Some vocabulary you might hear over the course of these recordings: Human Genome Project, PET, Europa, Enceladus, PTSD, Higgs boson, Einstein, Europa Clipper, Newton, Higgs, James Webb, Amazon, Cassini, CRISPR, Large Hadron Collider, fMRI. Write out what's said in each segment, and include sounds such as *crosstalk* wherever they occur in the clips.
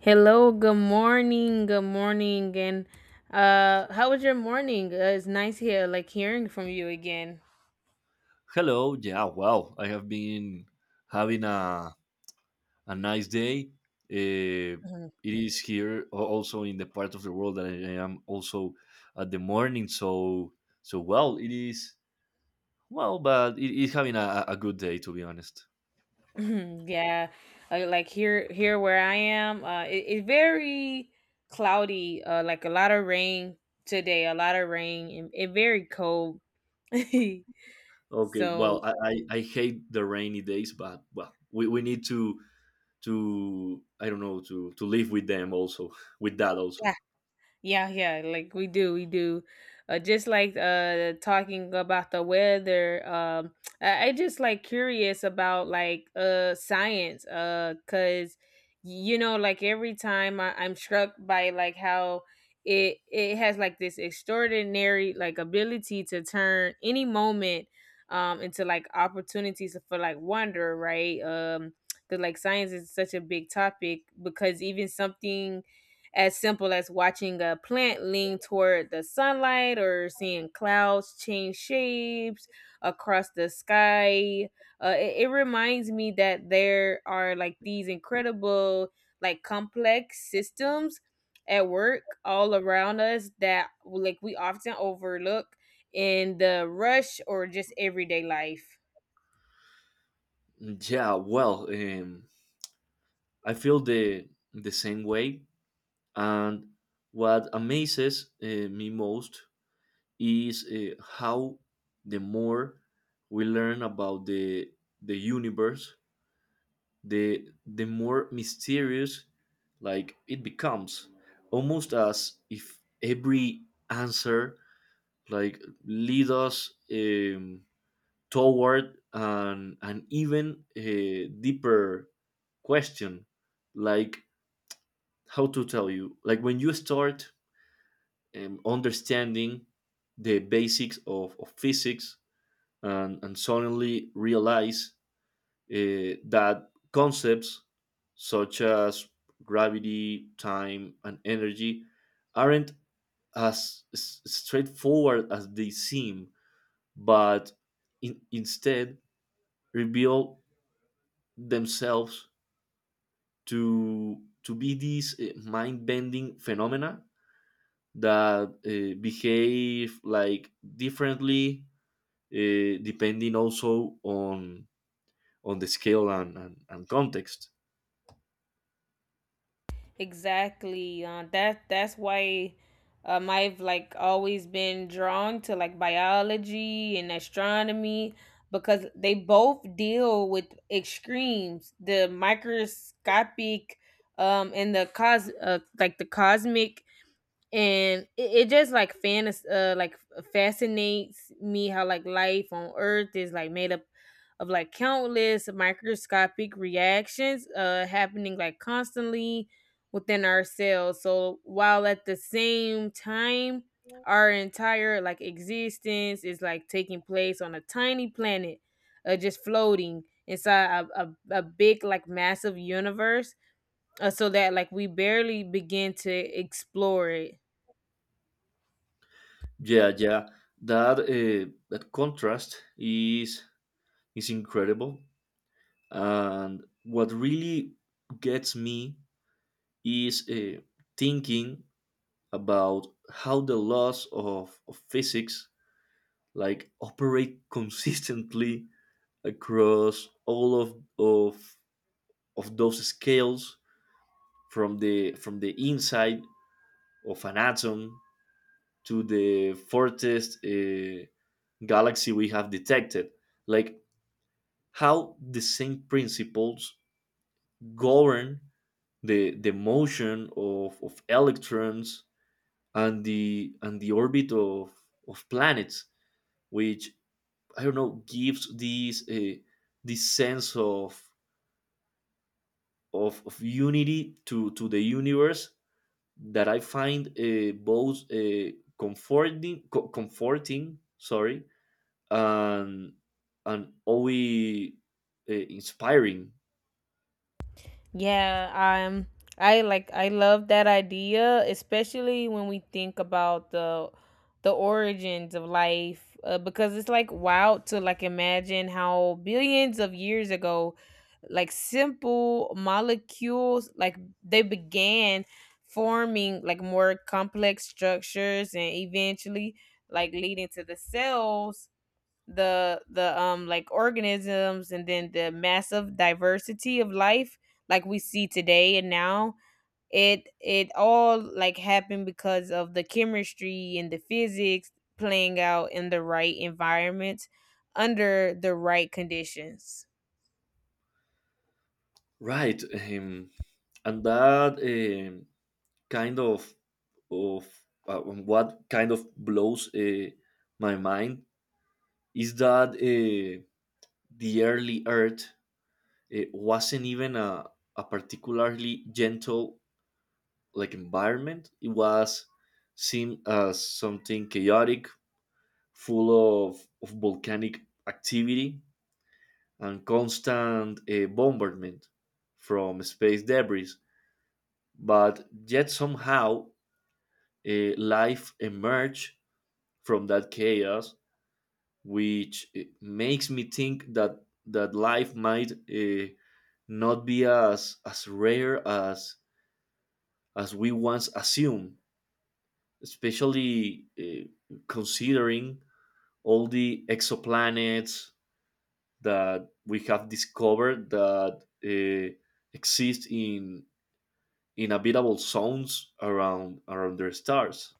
Hello, good morning, and how was your morning? It's nice here, like hearing from you again. Hello. Yeah. Wow. I have been having a nice day. Uh, Mhm. it is here also in the part of the world that I am also at the morning. So well, it is well, but it is having a good day, to be honest. *clears throat* Yeah, like here where I am, it's very cloudy, like a lot of rain today, a lot of rain, and very cold. *laughs* Okay. So. Well, I hate the rainy days, but well, we need to I don't know to live with them also *laughs* with that also. Yeah, yeah, like we do, we do. Just like talking about the weather. I just like curious about like science cuz like every time I'm struck by like how it has like this extraordinary like ability to turn any moment into like opportunities for like wonder, right? Cuz like science is such a big topic, because even something as simple as watching a plant lean toward the sunlight or seeing clouds change shapes across the sky. It reminds me that there are like these incredible, like complex systems at work all around us that like we often overlook in the rush or just everyday life. Yeah. Well, I feel the same way. And what amazes me most is how the more we learn about the universe, the more mysterious like it becomes, almost as if every answer like lead us toward an even deeper question. Like, how to tell you, like when you start understanding the basics of physics and suddenly realize that concepts such as gravity, time, and energy aren't as straightforward as they seem, but instead reveal themselves to be these mind-bending phenomena that behave like differently, depending also on the scale and context. Exactly. That's why I've like always been drawn to like biology and astronomy, because they both deal with extremes, the microscopic and the cos like the cosmic, and it just like fantas like fascinates me how like life on earth is like made up of like countless microscopic reactions happening like constantly within our cells, so while at the same time our entire like existence is like taking place on a tiny planet just floating inside a big like massive universe, so that like we barely begin to explore it. Yeah, yeah, that contrast is incredible. And what really gets me is thinking about how the laws of physics like operate *laughs* consistently across all of those scales, from the inside of an atom to the farthest galaxy we have detected. Like, how the same principles govern the motion of electrons and the orbit of planets, which, I don't know, gives this, sense of unity to the universe that I find both comforting co- comforting sorry and and always inspiring, Yeah, I love that idea, especially when we think about the origins of life, because it's like wild to like imagine how billions of years ago like simple molecules, like they began forming like more complex structures and eventually like leading to the cells, the like organisms, and then the massive diversity of life like we see today, and now it all like happened because of the chemistry and the physics playing out in the right environment, under the right conditions. right? And that, kind of what kind of blows my mind is that the early Earth wasn't even a particularly gentle like environment. It was seen as something chaotic, full of volcanic activity and constant bombardment from space debris. But yet somehow life emerged from that chaos, which makes me think that life might not be as rare as we once assumed, especially considering all the exoplanets that we have discovered that uh, exist in inhabitable zones around their stars.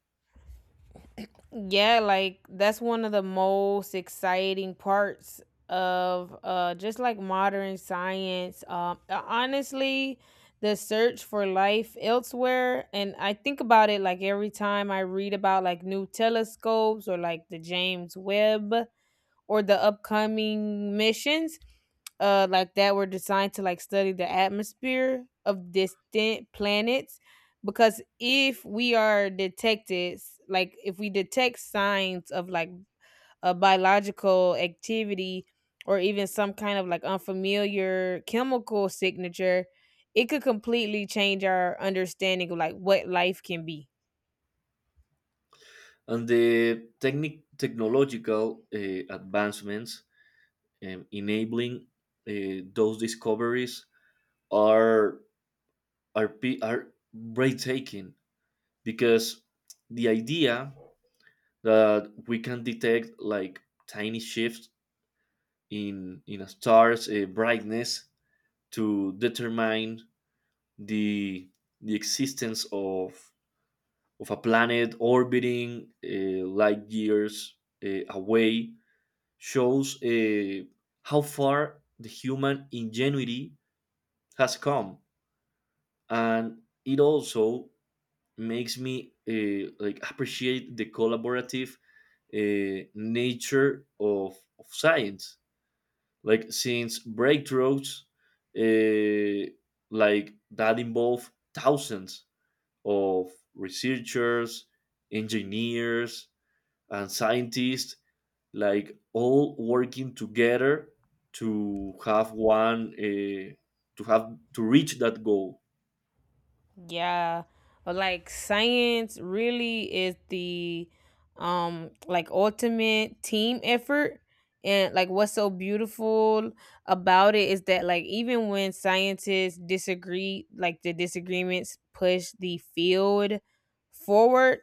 Yeah, like that's one of the most exciting parts of just like modern science. Honestly, the search for life elsewhere, and I think about it like every time I read about like new telescopes, or like the James Webb, or the upcoming missions like that were designed to like study the atmosphere of distant planets, because if we are detected, like if we detect signs of like a biological activity or even some kind of like unfamiliar chemical signature, it could completely change our understanding of like what life can be. And the technological advancements, enabling those discoveries, are are breathtaking, because the idea that we can detect like tiny shifts in a star's brightness to determine the the existence of a planet orbiting light years away shows how far the human ingenuity has come. And it also makes me, like, appreciate the collaborative nature of science, like, since breakthroughs, uh, like that, involve thousands of researchers, engineers, and scientists like all working together to have one to have to reach that goal. Yeah. But like science really is the like ultimate team effort, and like what's so beautiful about it is that like even when scientists disagree, like the disagreements push the field forward,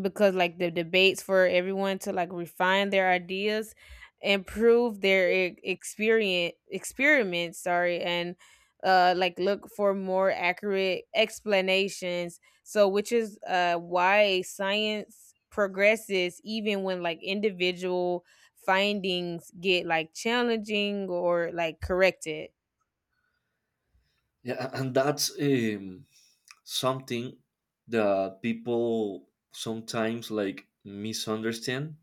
because like the debates for everyone to like refine their ideas, improve their e- experience experiments, sorry, and like look for more accurate explanations, so which is why science progresses even when like individual findings get like challenging or like corrected. Yeah, and that's something that people sometimes like misunderstand.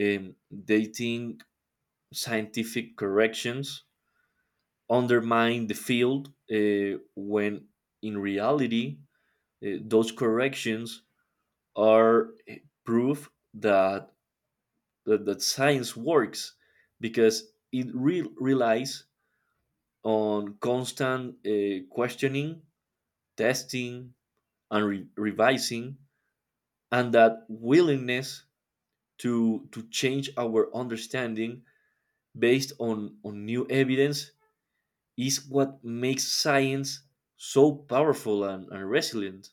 They think scientific corrections undermine the field when in reality those corrections are proof that science works, because it relies on constant questioning, testing, and revising, and that willingness to change our understanding based on new evidence is what makes science so powerful and resilient.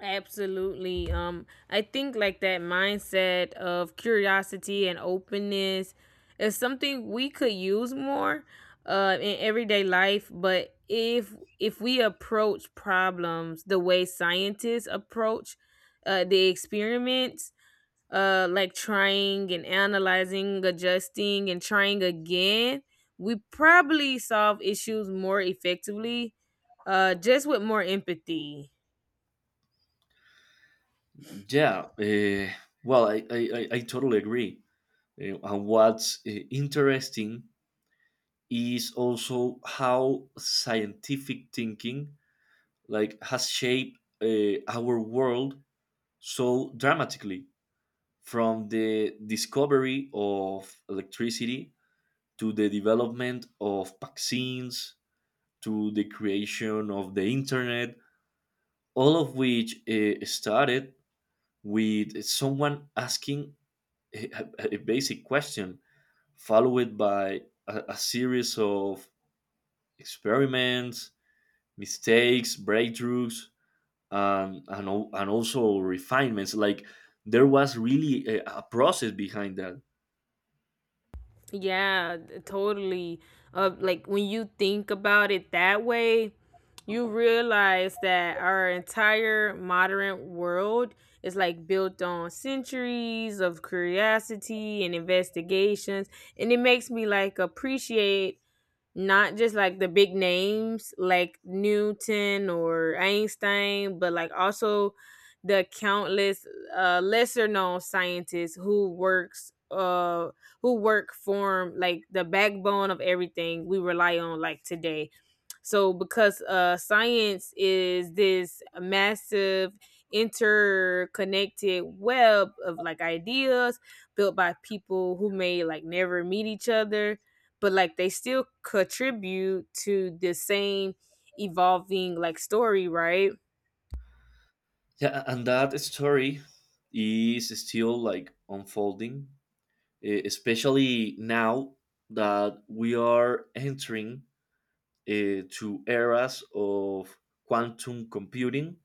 Absolutely. I think like that mindset of curiosity and openness is something we could use more in everyday life, but if we approach problems the way scientists approach the experiments, like trying and analyzing, adjusting and trying again, we probably solve issues more effectively, just with more empathy. Yeah, well, I totally agree. And what's interesting is also how scientific thinking like has shaped our world so dramatically, from the discovery of electricity to the development of vaccines to the creation of the internet, all of which started with someone asking a, a basic question, followed by a series of experiments, mistakes, breakthroughs, and also refinements. Like, there was really a process behind that. Yeah, totally. Like when you think about it that way, you realize that our entire modern world is like built on centuries of curiosity and investigations, and it makes me like appreciate not just like the big names like Newton or Einstein, but like also the countless lesser known scientists who works who work form like the backbone of everything we rely on like today, so because science is this massive interconnected web of like ideas built by people who may like never meet each other, but like they still contribute to the same evolving like story, right? Yeah, and that story is still like unfolding, especially now that we are entering to eras of quantum computing,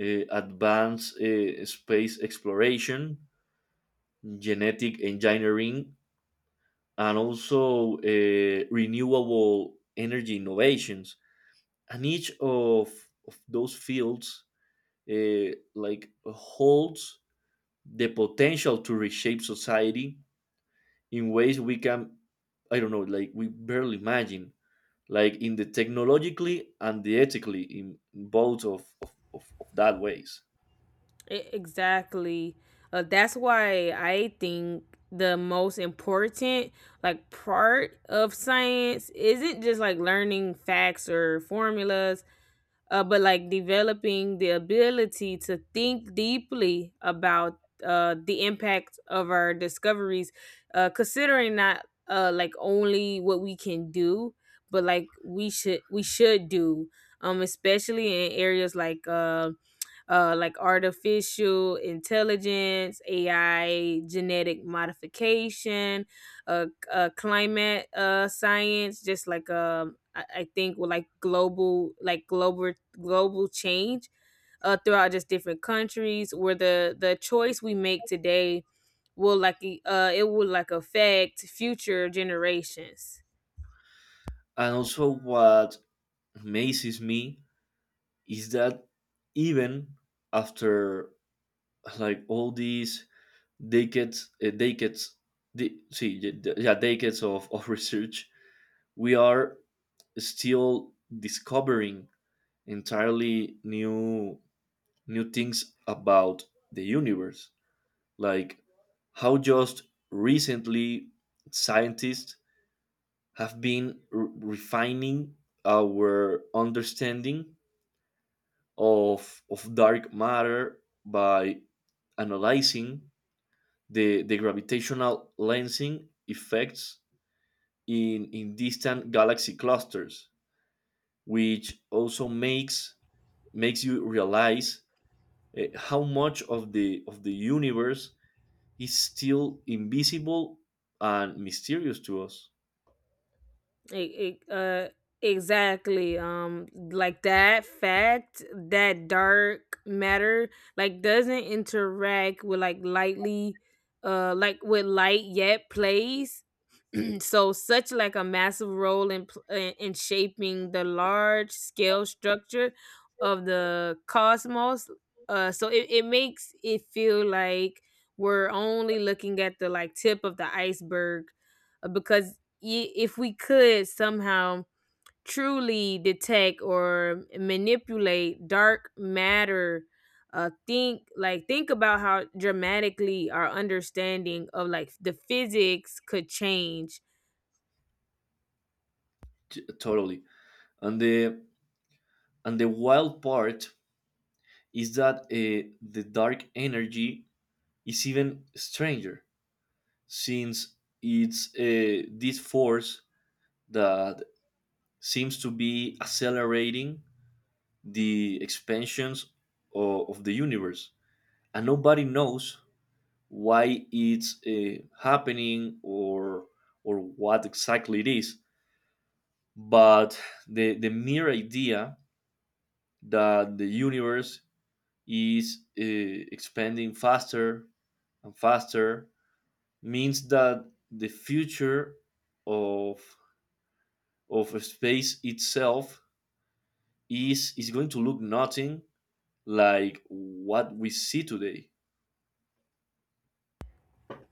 advanced space exploration, genetic engineering, and also renewable energy innovations. And each of those fields like holds the potential to reshape society in ways we can, I don't know, like we barely imagine. Like, in the technologically and the ethically, in both of that ways. Exactly. That's why I think the most important like part of science isn't just like learning facts or formulas, but like developing the ability to think deeply about the impact of our discoveries, considering not like only what we can do, but like we should do, especially in areas like artificial intelligence, AI, genetic modification, climate science, just like I think with like global change, throughout just different countries where the choice we make today it will like affect future generations. And also what amazes me is that even after like all these decades decades de- see, y- d- decades of *laughs* research, we are still discovering entirely new things about the universe, like how just recently scientists have been refining our understanding of dark matter by analyzing the gravitational lensing effects in distant galaxy clusters, which also makes you realize how much of the universe is still invisible and mysterious to us. E- e- uh, exactly. Like that fact, that dark matter like doesn't interact with like lightly, like with light yet plays *clears throat* so such like a massive role in pl- in shaping the large scale structure of the cosmos, so it makes it feel like we're only looking at the like tip of the iceberg, because if we could somehow truly detect or manipulate dark matter, think about how dramatically our understanding of like the physics could change. Totally, and the and the wild part is that the dark energy is even stranger, since it's this force that seems to be accelerating the expansions of the universe, and nobody knows why it's happening, or what exactly it is. But the mere idea that the universe is expanding faster and faster means that the future of of space itself is going to look nothing like what we see today.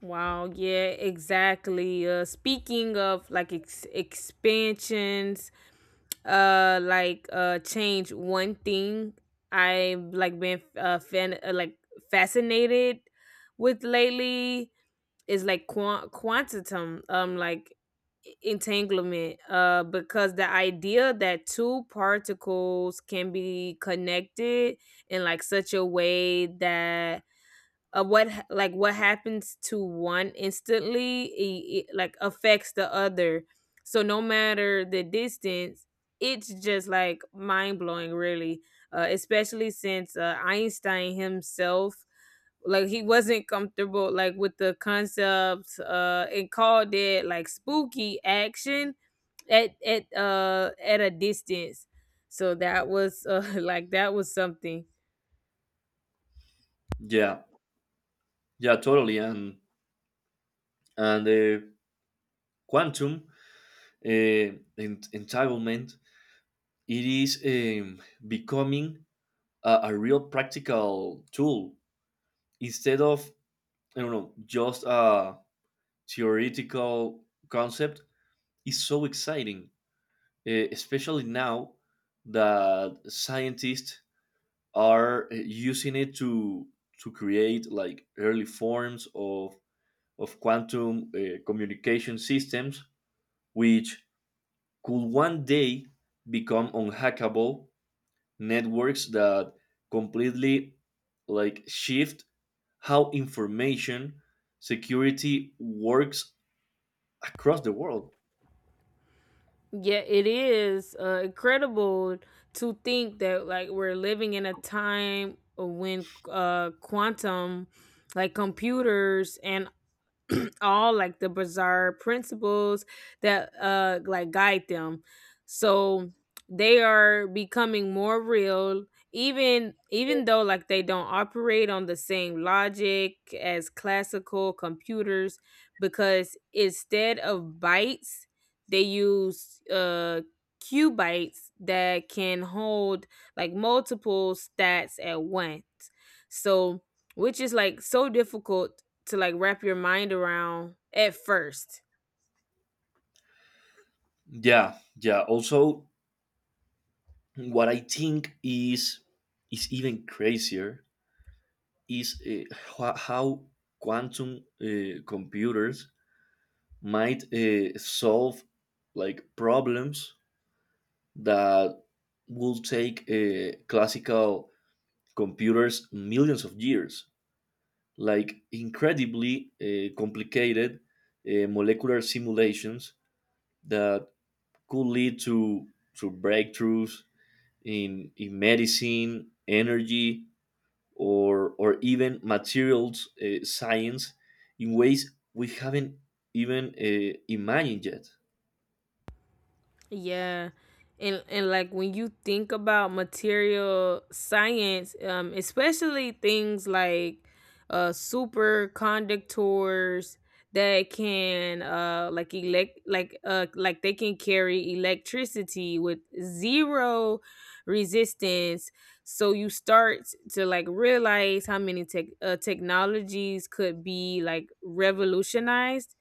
Wow, yeah, exactly. Speaking of like expansions, like change, one thing I've like been fan like fascinated with lately is like quantum entanglement, because the idea that two particles can be connected in like such a way that what what happens to one instantly, like affects the other, so no matter the distance, it's just like mind-blowing, really, especially since einstein himself, like he wasn't comfortable like with the concepts, and called it like spooky action at a distance. So that was, *laughs* like that was something. Yeah, yeah, totally. And the quantum, entitlement, it is becoming a real practical tool instead of, I don't know, just a theoretical concept. Is so exciting, especially now that scientists are using it to create like early forms of quantum communication systems, which could one day become unhackable networks that completely like shift how information security works across the world. Yeah, it is incredible to think that like we're living in a time when quantum like computers and *clears throat* all like the bizarre principles that like guide them, so they are becoming more real, even though like they don't operate on the same logic as classical computers, because instead of bytes they use qubits that can hold like multiple stats at once, so which is like so difficult to like wrap your mind around at first. Yeah, yeah. Also, what I think is even crazier is how quantum computers might solve like problems that will take classical computers millions of years, like incredibly complicated molecular simulations that could lead to breakthroughs in medicine, energy, or even materials science in ways we haven't even imagined yet. Yeah. And like when you think about material science, especially things like superconductors that can like elect like they can carry electricity with zero resistance. So you start to like realize how many technologies could be like revolutionized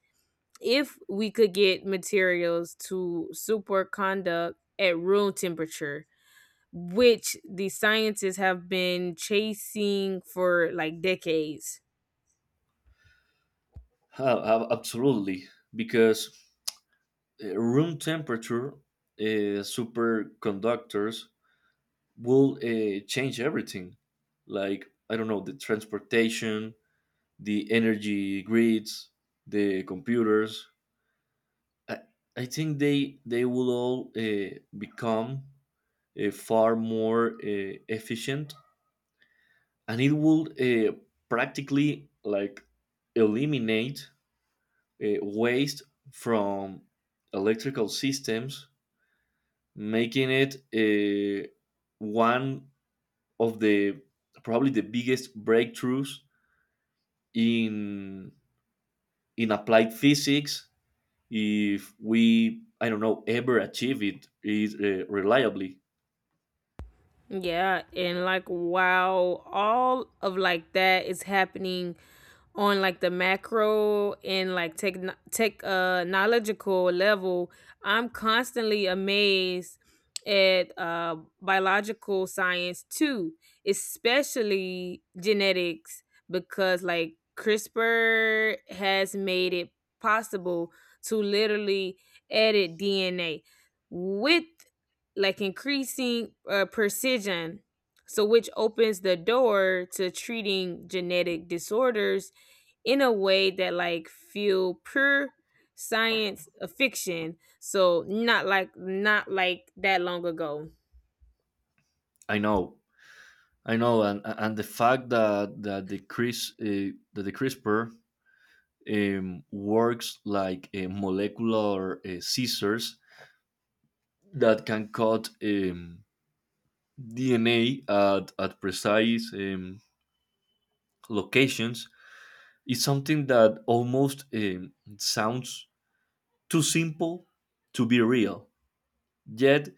if we could get materials to superconduct at room temperature, which the scientists have been chasing for like decades. Ah, absolutely, because room temperature superconductors will change everything. Like, I don't know, the transportation, the energy grids, the computers. I, I think they will all become far more efficient, and it will practically like eliminate waste from electrical systems, making it one of the, probably the biggest, breakthroughs in in applied physics, if we, I don't know, ever achieve it is reliably. Yeah, and like while all of like that is happening on like the macro and like technological level, I'm constantly amazed at biological science too, especially genetics, because like CRISPR has made it possible to literally edit DNA with like increasing precision. So, which opens the door to treating genetic disorders in a way that like feel pure science fiction, so not like that long ago. I know, I know, and the fact that the Chris that the CRISPR works like a molecular scissors that can cut DNA at precise locations is something that almost sounds too simple to be real, yet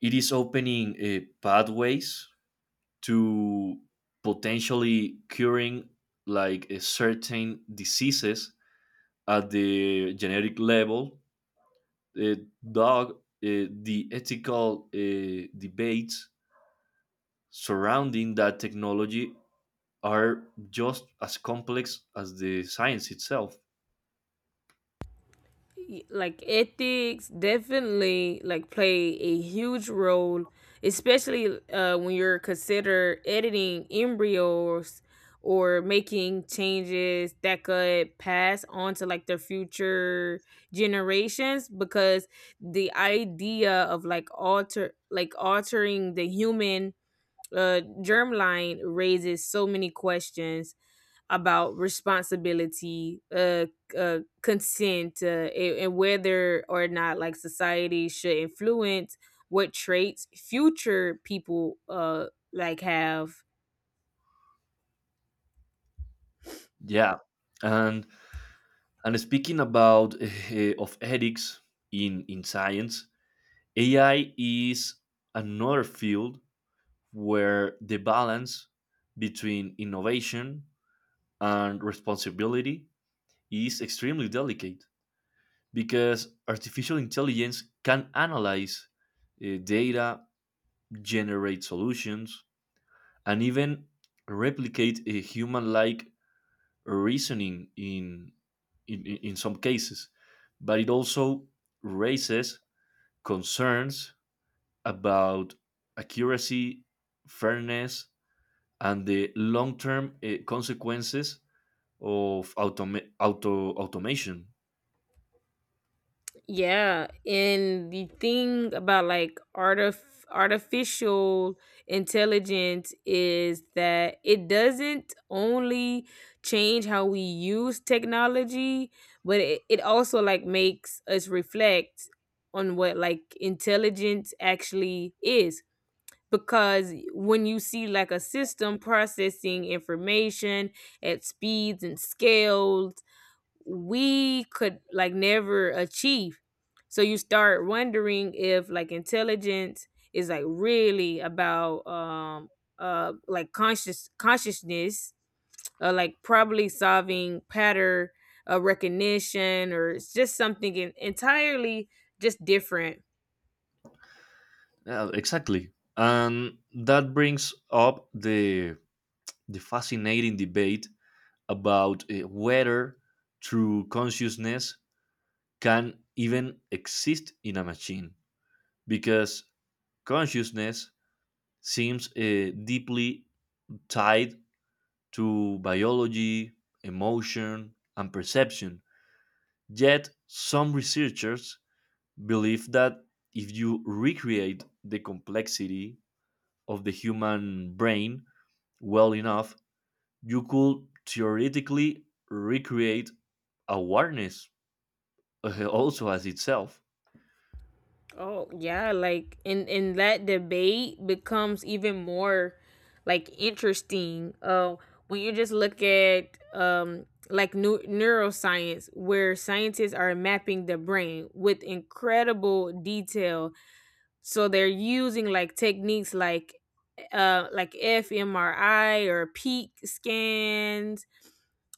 it is opening pathways to potentially curing like a certain diseases at the genetic level. uh, dog, the ethical debates surrounding that technology are just as complex as the science itself. Ethics definitely like play a huge role, especially when you're consider editing embryos or making changes that could pass on to like their future generations, because the idea of like altering the human germline raises so many questions about responsibility, consent, and whether or not like society should influence what traits future people like have. Yeah, and and speaking about *laughs* of ethics in science. AI is another field where the balance between innovation and responsibility is extremely delicate, because artificial intelligence can analyze data, generate solutions, and even replicate a human-like reasoning in some cases. But it also raises concerns about accuracy, fairness, and the long-term consequences of automation. Yeah, and the thing about like artificial intelligence is that it doesn't only change how we use technology, but it also like makes us reflect on what like intelligence actually is. Because when you see like a system processing information at speeds and scales we could like never achieve, so you start wondering if like intelligence is like really about like consciousness, like probably solving pattern recognition, or it's just something entirely just different. Yeah, exactly, and that brings up the fascinating debate about whether true consciousness can even exist in a machine, because consciousness seems deeply tied to biology, emotion, and perception. Yet, some researchers believe that if you recreate the complexity of the human brain well enough, you could theoretically recreate awareness, *laughs* also as itself. Oh yeah, like in that debate becomes even more like interesting. When you just look at like new neuroscience, where scientists are mapping the brain with incredible detail, so they're using like techniques like fMRI or peak scans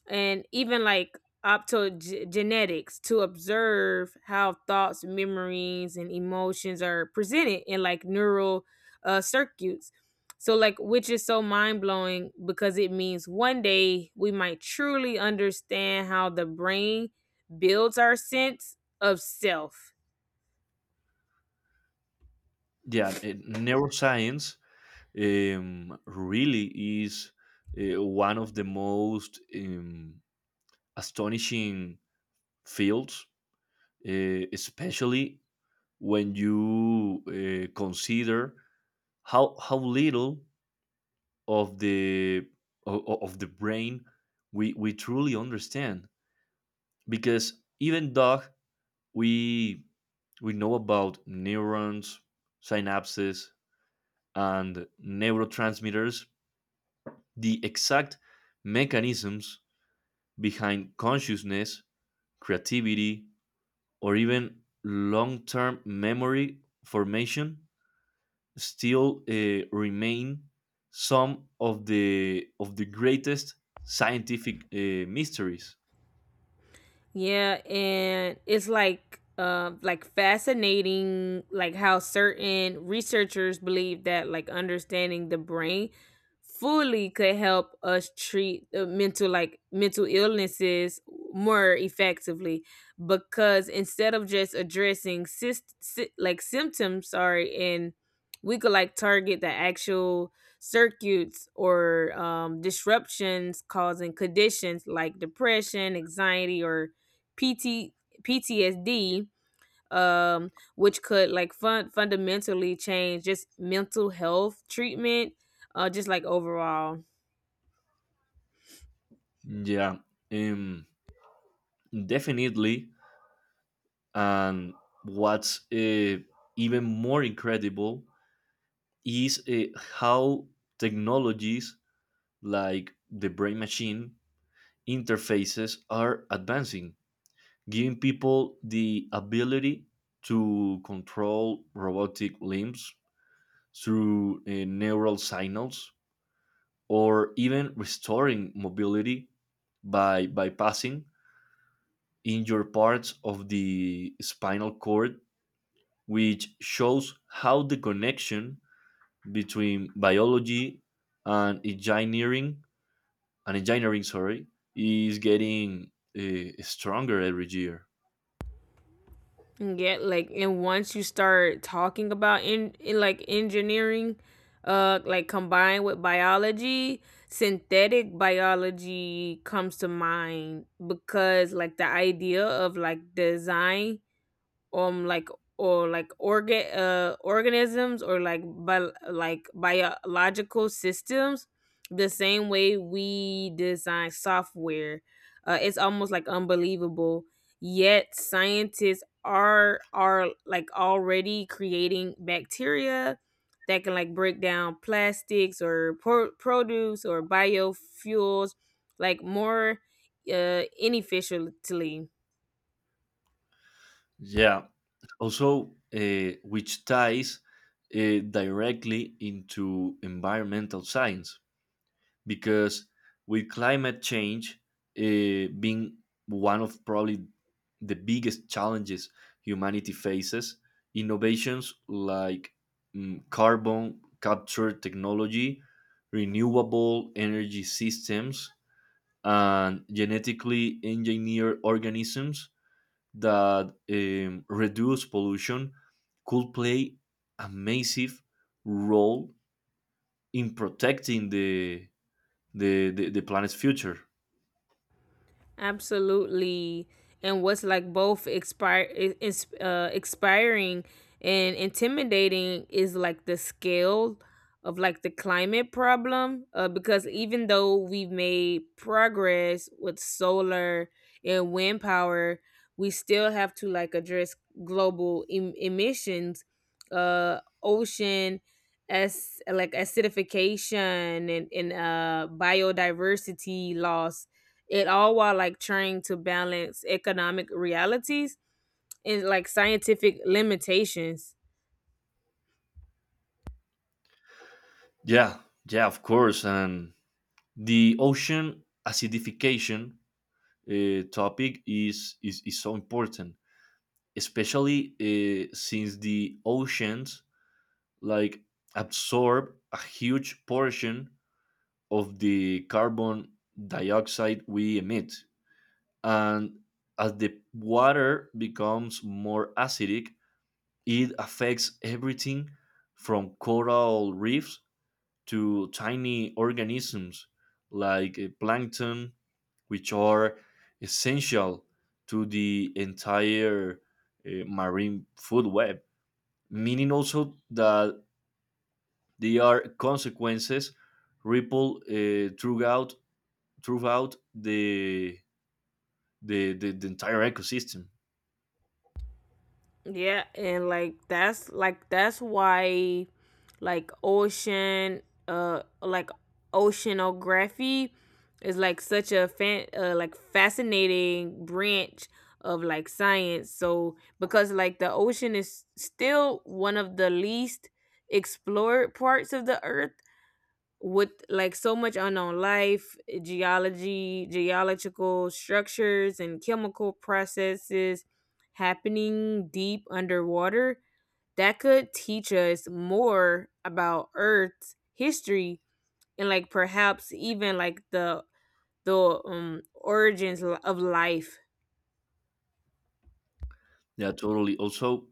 and even like optogenetics to observe how thoughts, memories, and emotions are presented in like neural circuits. So, like, which is so mind blowing because it means one day we might truly understand how the brain builds our sense of self. Yeah, neuroscience really is one of the most astonishing fields, especially when you consider how little of the brain we truly understand, because even though we we know about neurons, synapses, and neurotransmitters, the exact mechanisms behind consciousness, creativity, or even long-term memory formation still remain some of the greatest scientific mysteries. Yeah, and it's like fascinating like how certain researchers believe that like understanding the brain fully could help us treat mental like mental illnesses more effectively, because instead of just addressing like symptoms sorry, and we could like target the actual circuits or disruptions causing conditions like depression, anxiety, or PT, PTSD, which could like fundamentally change just mental health treatment, just like overall. Yeah, um, definitely. And what's even more incredible is how technologies like the brain machine interfaces are advancing, giving people the ability to control robotic limbs through neural signals, or even restoring mobility by bypassing injured parts of the spinal cord, which shows how the connection between biology and engineering and engineering, sorry, is getting uh, stronger every year. And once you start talking about in like engineering, like combined with biology, synthetic biology comes to mind, because like the idea of like design um like or like organisms or like like biological systems the same way we design software, it's almost like unbelievable, yet scientists are like already creating bacteria that can like break down plastics or produce or biofuels like more inefficiently. Yeah. Also, which ties directly into environmental science, because with climate change being one of probably the biggest challenges humanity faces, innovations like carbon capture technology, renewable energy systems, and genetically engineered organisms that reduce pollution could play a massive role in protecting the planet's future. Absolutely. And what's like both expiring and intimidating is like the scale of like the climate problem, because even though we've made progress with solar and wind power, we still have to like address global emissions, ocean as like acidification, and biodiversity loss, it all while like trying to balance economic realities and like scientific limitations. Yeah, yeah, of course. And the ocean acidification topic is so important, especially since the oceans like absorb a huge portion of the carbon dioxide we emit, and as the water becomes more acidic, it affects everything from coral reefs to tiny organisms like plankton, which are essential to the entire marine food web, meaning also that they are consequences ripple throughout the entire ecosystem. Yeah, and like that's why like ocean uh like oceanography is like such a fan like fascinating branch of like science. So because like the ocean is still one of the least explored parts of the earth, with like so much unknown life, eh, geology, geological structures, and chemical processes happening deep underwater, that could teach us more about Earth's history and like perhaps even like the origins of life. Yeah, totally. Also,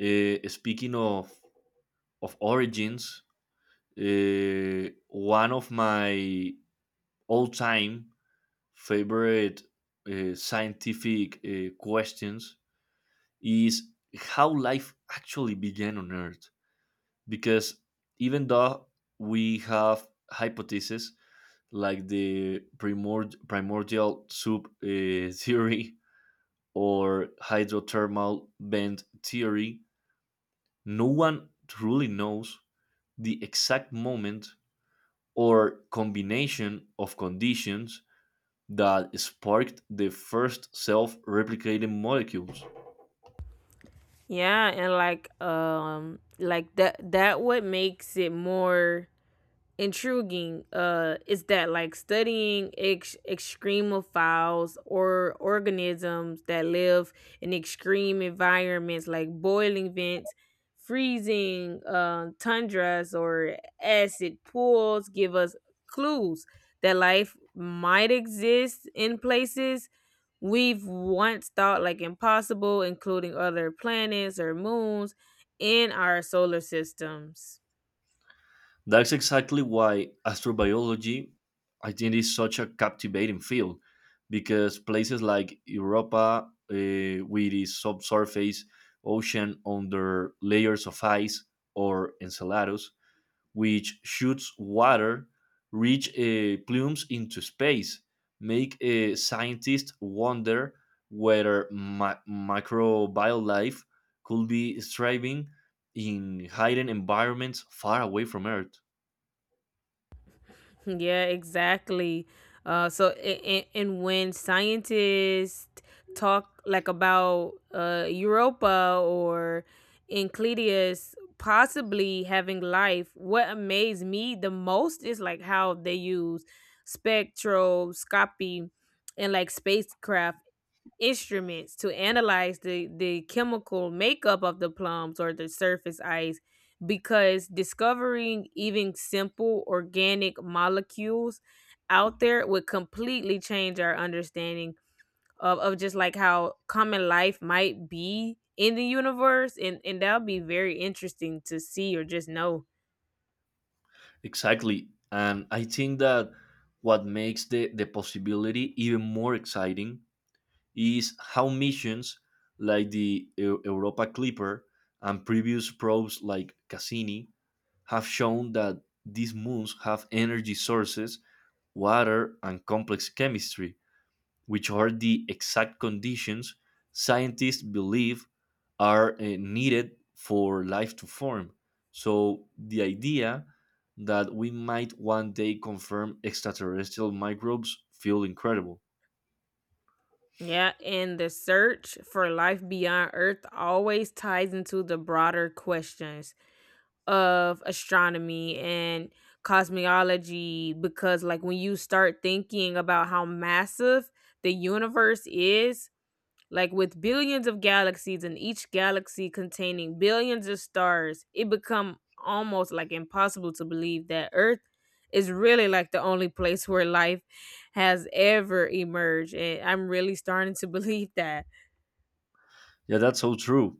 speaking of origins, one of my all time favorite scientific questions is how life actually began on Earth. Because even though we have hypotheses like the primordial soup *laughs* theory or hydrothermal vent theory, no one truly knows the exact moment or combination of conditions that sparked the first self replicating molecules. Yeah, and that what makes it more intriguing is that like studying extremophiles or organisms that live in extreme environments like boiling vents, freezing tundras, or acid pools give us clues that life might exist in places we've once thought like impossible, including other planets or moons in our solar systems. That's exactly why astrobiology, I think, is such a captivating field because places like Europa, with its subsurface ocean under layers of ice, or Enceladus, which shoots water, reach plumes into space, make scientists wonder whether microbial life could be thriving in hidden environments far away from Earth. Yeah, exactly. And when scientists talk like about Europa or Encletius possibly having life, what amazed me the most is like how they use spectroscopy and like spacecraft instruments to analyze the chemical makeup of the plums or the surface ice, because discovering even simple organic molecules out there would completely change our understanding of just like how common life might be in the universe, and that'll be very interesting to see or just know. Exactly. And I think that what makes the possibility even more exciting is how missions like the Europa Clipper and previous probes like Cassini have shown that these moons have energy sources, water, and complex chemistry, which are the exact conditions scientists believe are needed for life to form. So, the idea that we might one day confirm extraterrestrial microbes feel incredible. Yeah, and the search for life beyond Earth always ties into the broader questions of astronomy and cosmology, because like when you start thinking about how massive the universe is, like with billions of galaxies and each galaxy containing billions of stars, it become almost like impossible to believe that earth is really like the only place where life has ever emerged, and I'm really starting to *laughs* believe that. Yeah, that's so true.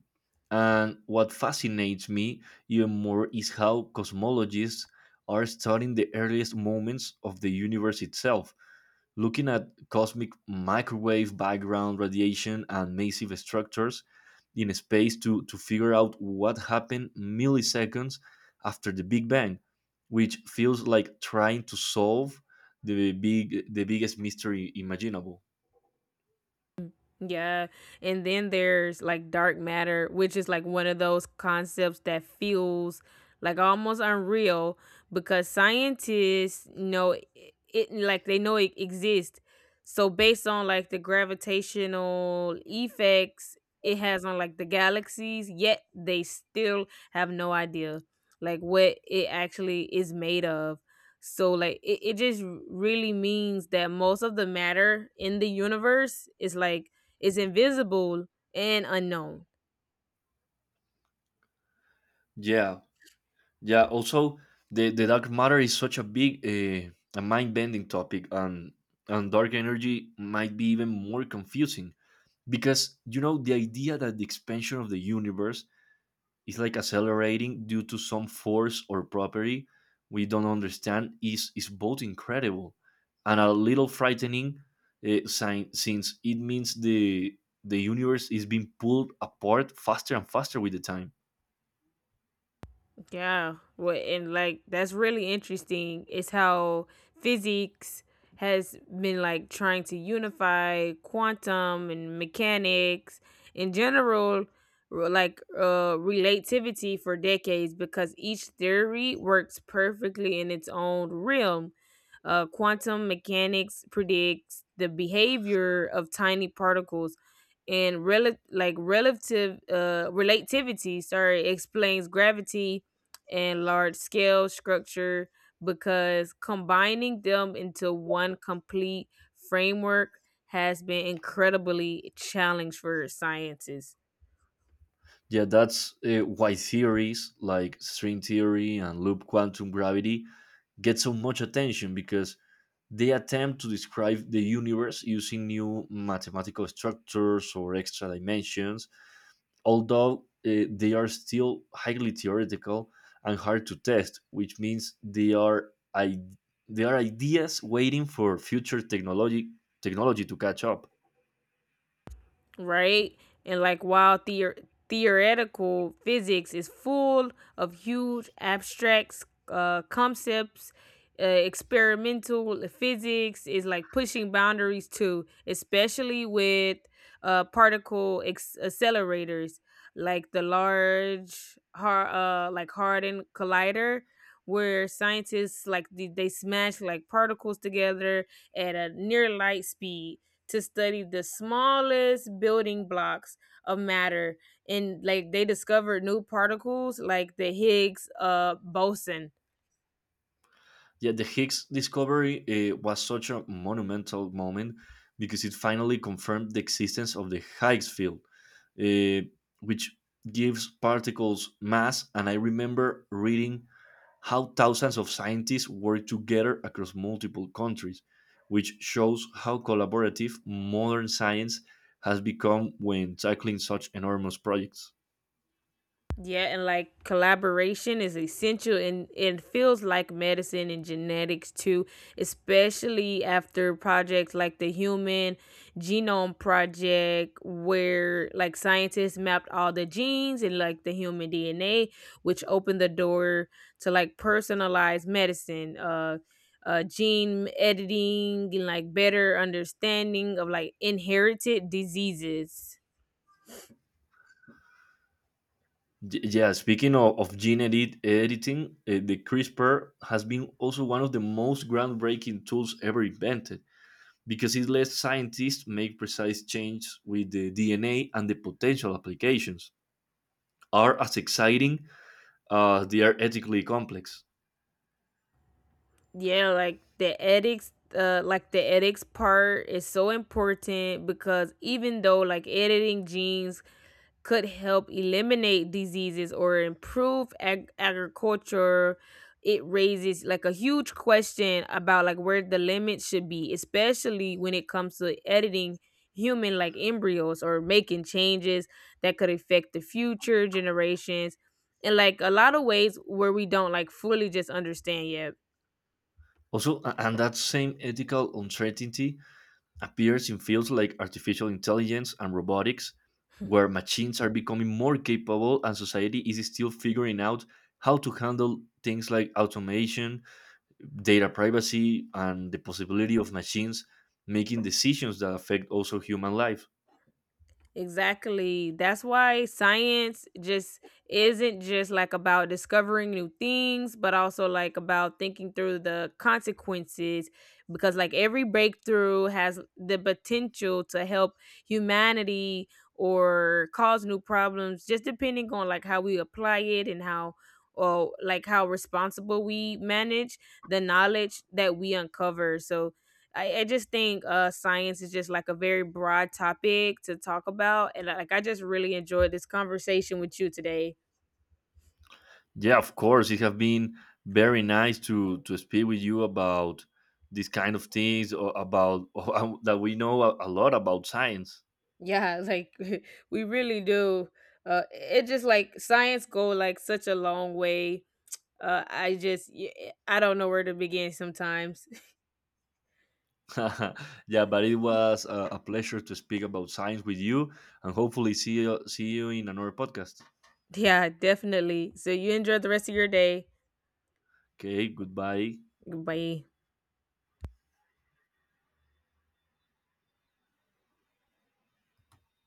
And what fascinates me even more is how cosmologists are studying the earliest moments of the universe itself, looking at cosmic microwave background radiation and massive structures in space to figure out what happened milliseconds after the Big Bang, which feels like trying to solve the big the biggest mystery imaginable. Yeah. And then there's like dark matter, which is like one of those concepts that feels like almost unreal, because scientists know it, like they know it exists. So based on like the gravitational effects it has on like the galaxies, yet they still have no idea like what it actually is made of. So like it just really means that most of the matter in the universe is invisible and unknown. Yeah, yeah. Also, the dark matter is such a big a mind bending topic, and dark energy might be even more confusing because you know the idea that the expansion of the universe is like accelerating due to some force or property we don't understand is both incredible and a little frightening since it means the universe is being pulled apart faster and faster with the time. Yeah. Well, and like that's really interesting is how physics has been like trying to unify quantum and mechanics in general, relativity for decades, because each theory works perfectly in its own realm. Quantum mechanics predicts the behavior of tiny particles and rel- like relative relativity sorry explains gravity and large scale structure, because combining them into one complete framework has been incredibly challenging for scientists. Yeah, that's why theories like string theory and loop quantum gravity get so much attention because they attempt to describe the universe using new mathematical structures or extra dimensions, although they are still highly theoretical and hard to test, which means they are ideas waiting for future technology to catch up. Right? And like while theoretical physics is full of huge abstract concepts, experimental physics is like pushing boundaries too, especially with particle accelerators like the large har- like Hardin collider, where scientists like they smash like particles together at a near light speed to study the smallest building blocks of matter, and like they discovered new particles like the Higgs boson. Yeah, the Higgs discovery was such a monumental moment because it finally confirmed the existence of the Higgs field, uh, which gives particles mass. And I remember reading how thousands of scientists work together across multiple countries, which shows how collaborative modern science has become when tackling such enormous projects. Yeah, and like collaboration is essential, and it feels like medicine and genetics too, especially after projects like the Human Genome Project, where like scientists mapped all the genes and like the human DNA, which opened the door to like personalized medicine. Gene editing and like better understanding of like inherited diseases. Yeah, speaking of gene editing, the CRISPR has been also one of the most groundbreaking tools ever invented because it lets scientists make precise changes with the DNA and the potential applications are as exciting as they are ethically complex. Yeah, like the ethics the ethics part is so important, because even though like editing genes could help eliminate diseases or improve agriculture, it raises like a huge question about like where the limit should be, especially when it comes to editing human like embryos or making changes that could affect the future generations in like a lot of ways where we don't like fully just understand yet. Also, and that same ethical uncertainty appears in fields like artificial intelligence and robotics, where machines are becoming more capable and society is still figuring out how to handle things like automation, data privacy, and the possibility of machines making decisions that affect also human life. Exactly. That's why science just isn't just like about discovering new things, but also like about thinking through the consequences, because like every breakthrough has the potential to help humanity or cause new problems, just depending on like how we apply it and how or like how responsible we manage the knowledge that we uncover. So I just think science is just like a very broad topic to talk about, and like I just really enjoyed this conversation with you today. Yeah, of course, it has been very nice to speak with you about these kind of things or about *laughs* that we know a lot about science. Yeah, like *laughs* we really do. It just like science go like such a long way. I just I don't know where to begin sometimes. *laughs* *laughs* Yeah, but it was a pleasure to speak about science with you, and hopefully see see you in another podcast. Yeah, definitely. So you enjoy the rest of your day. Okay, goodbye. Goodbye.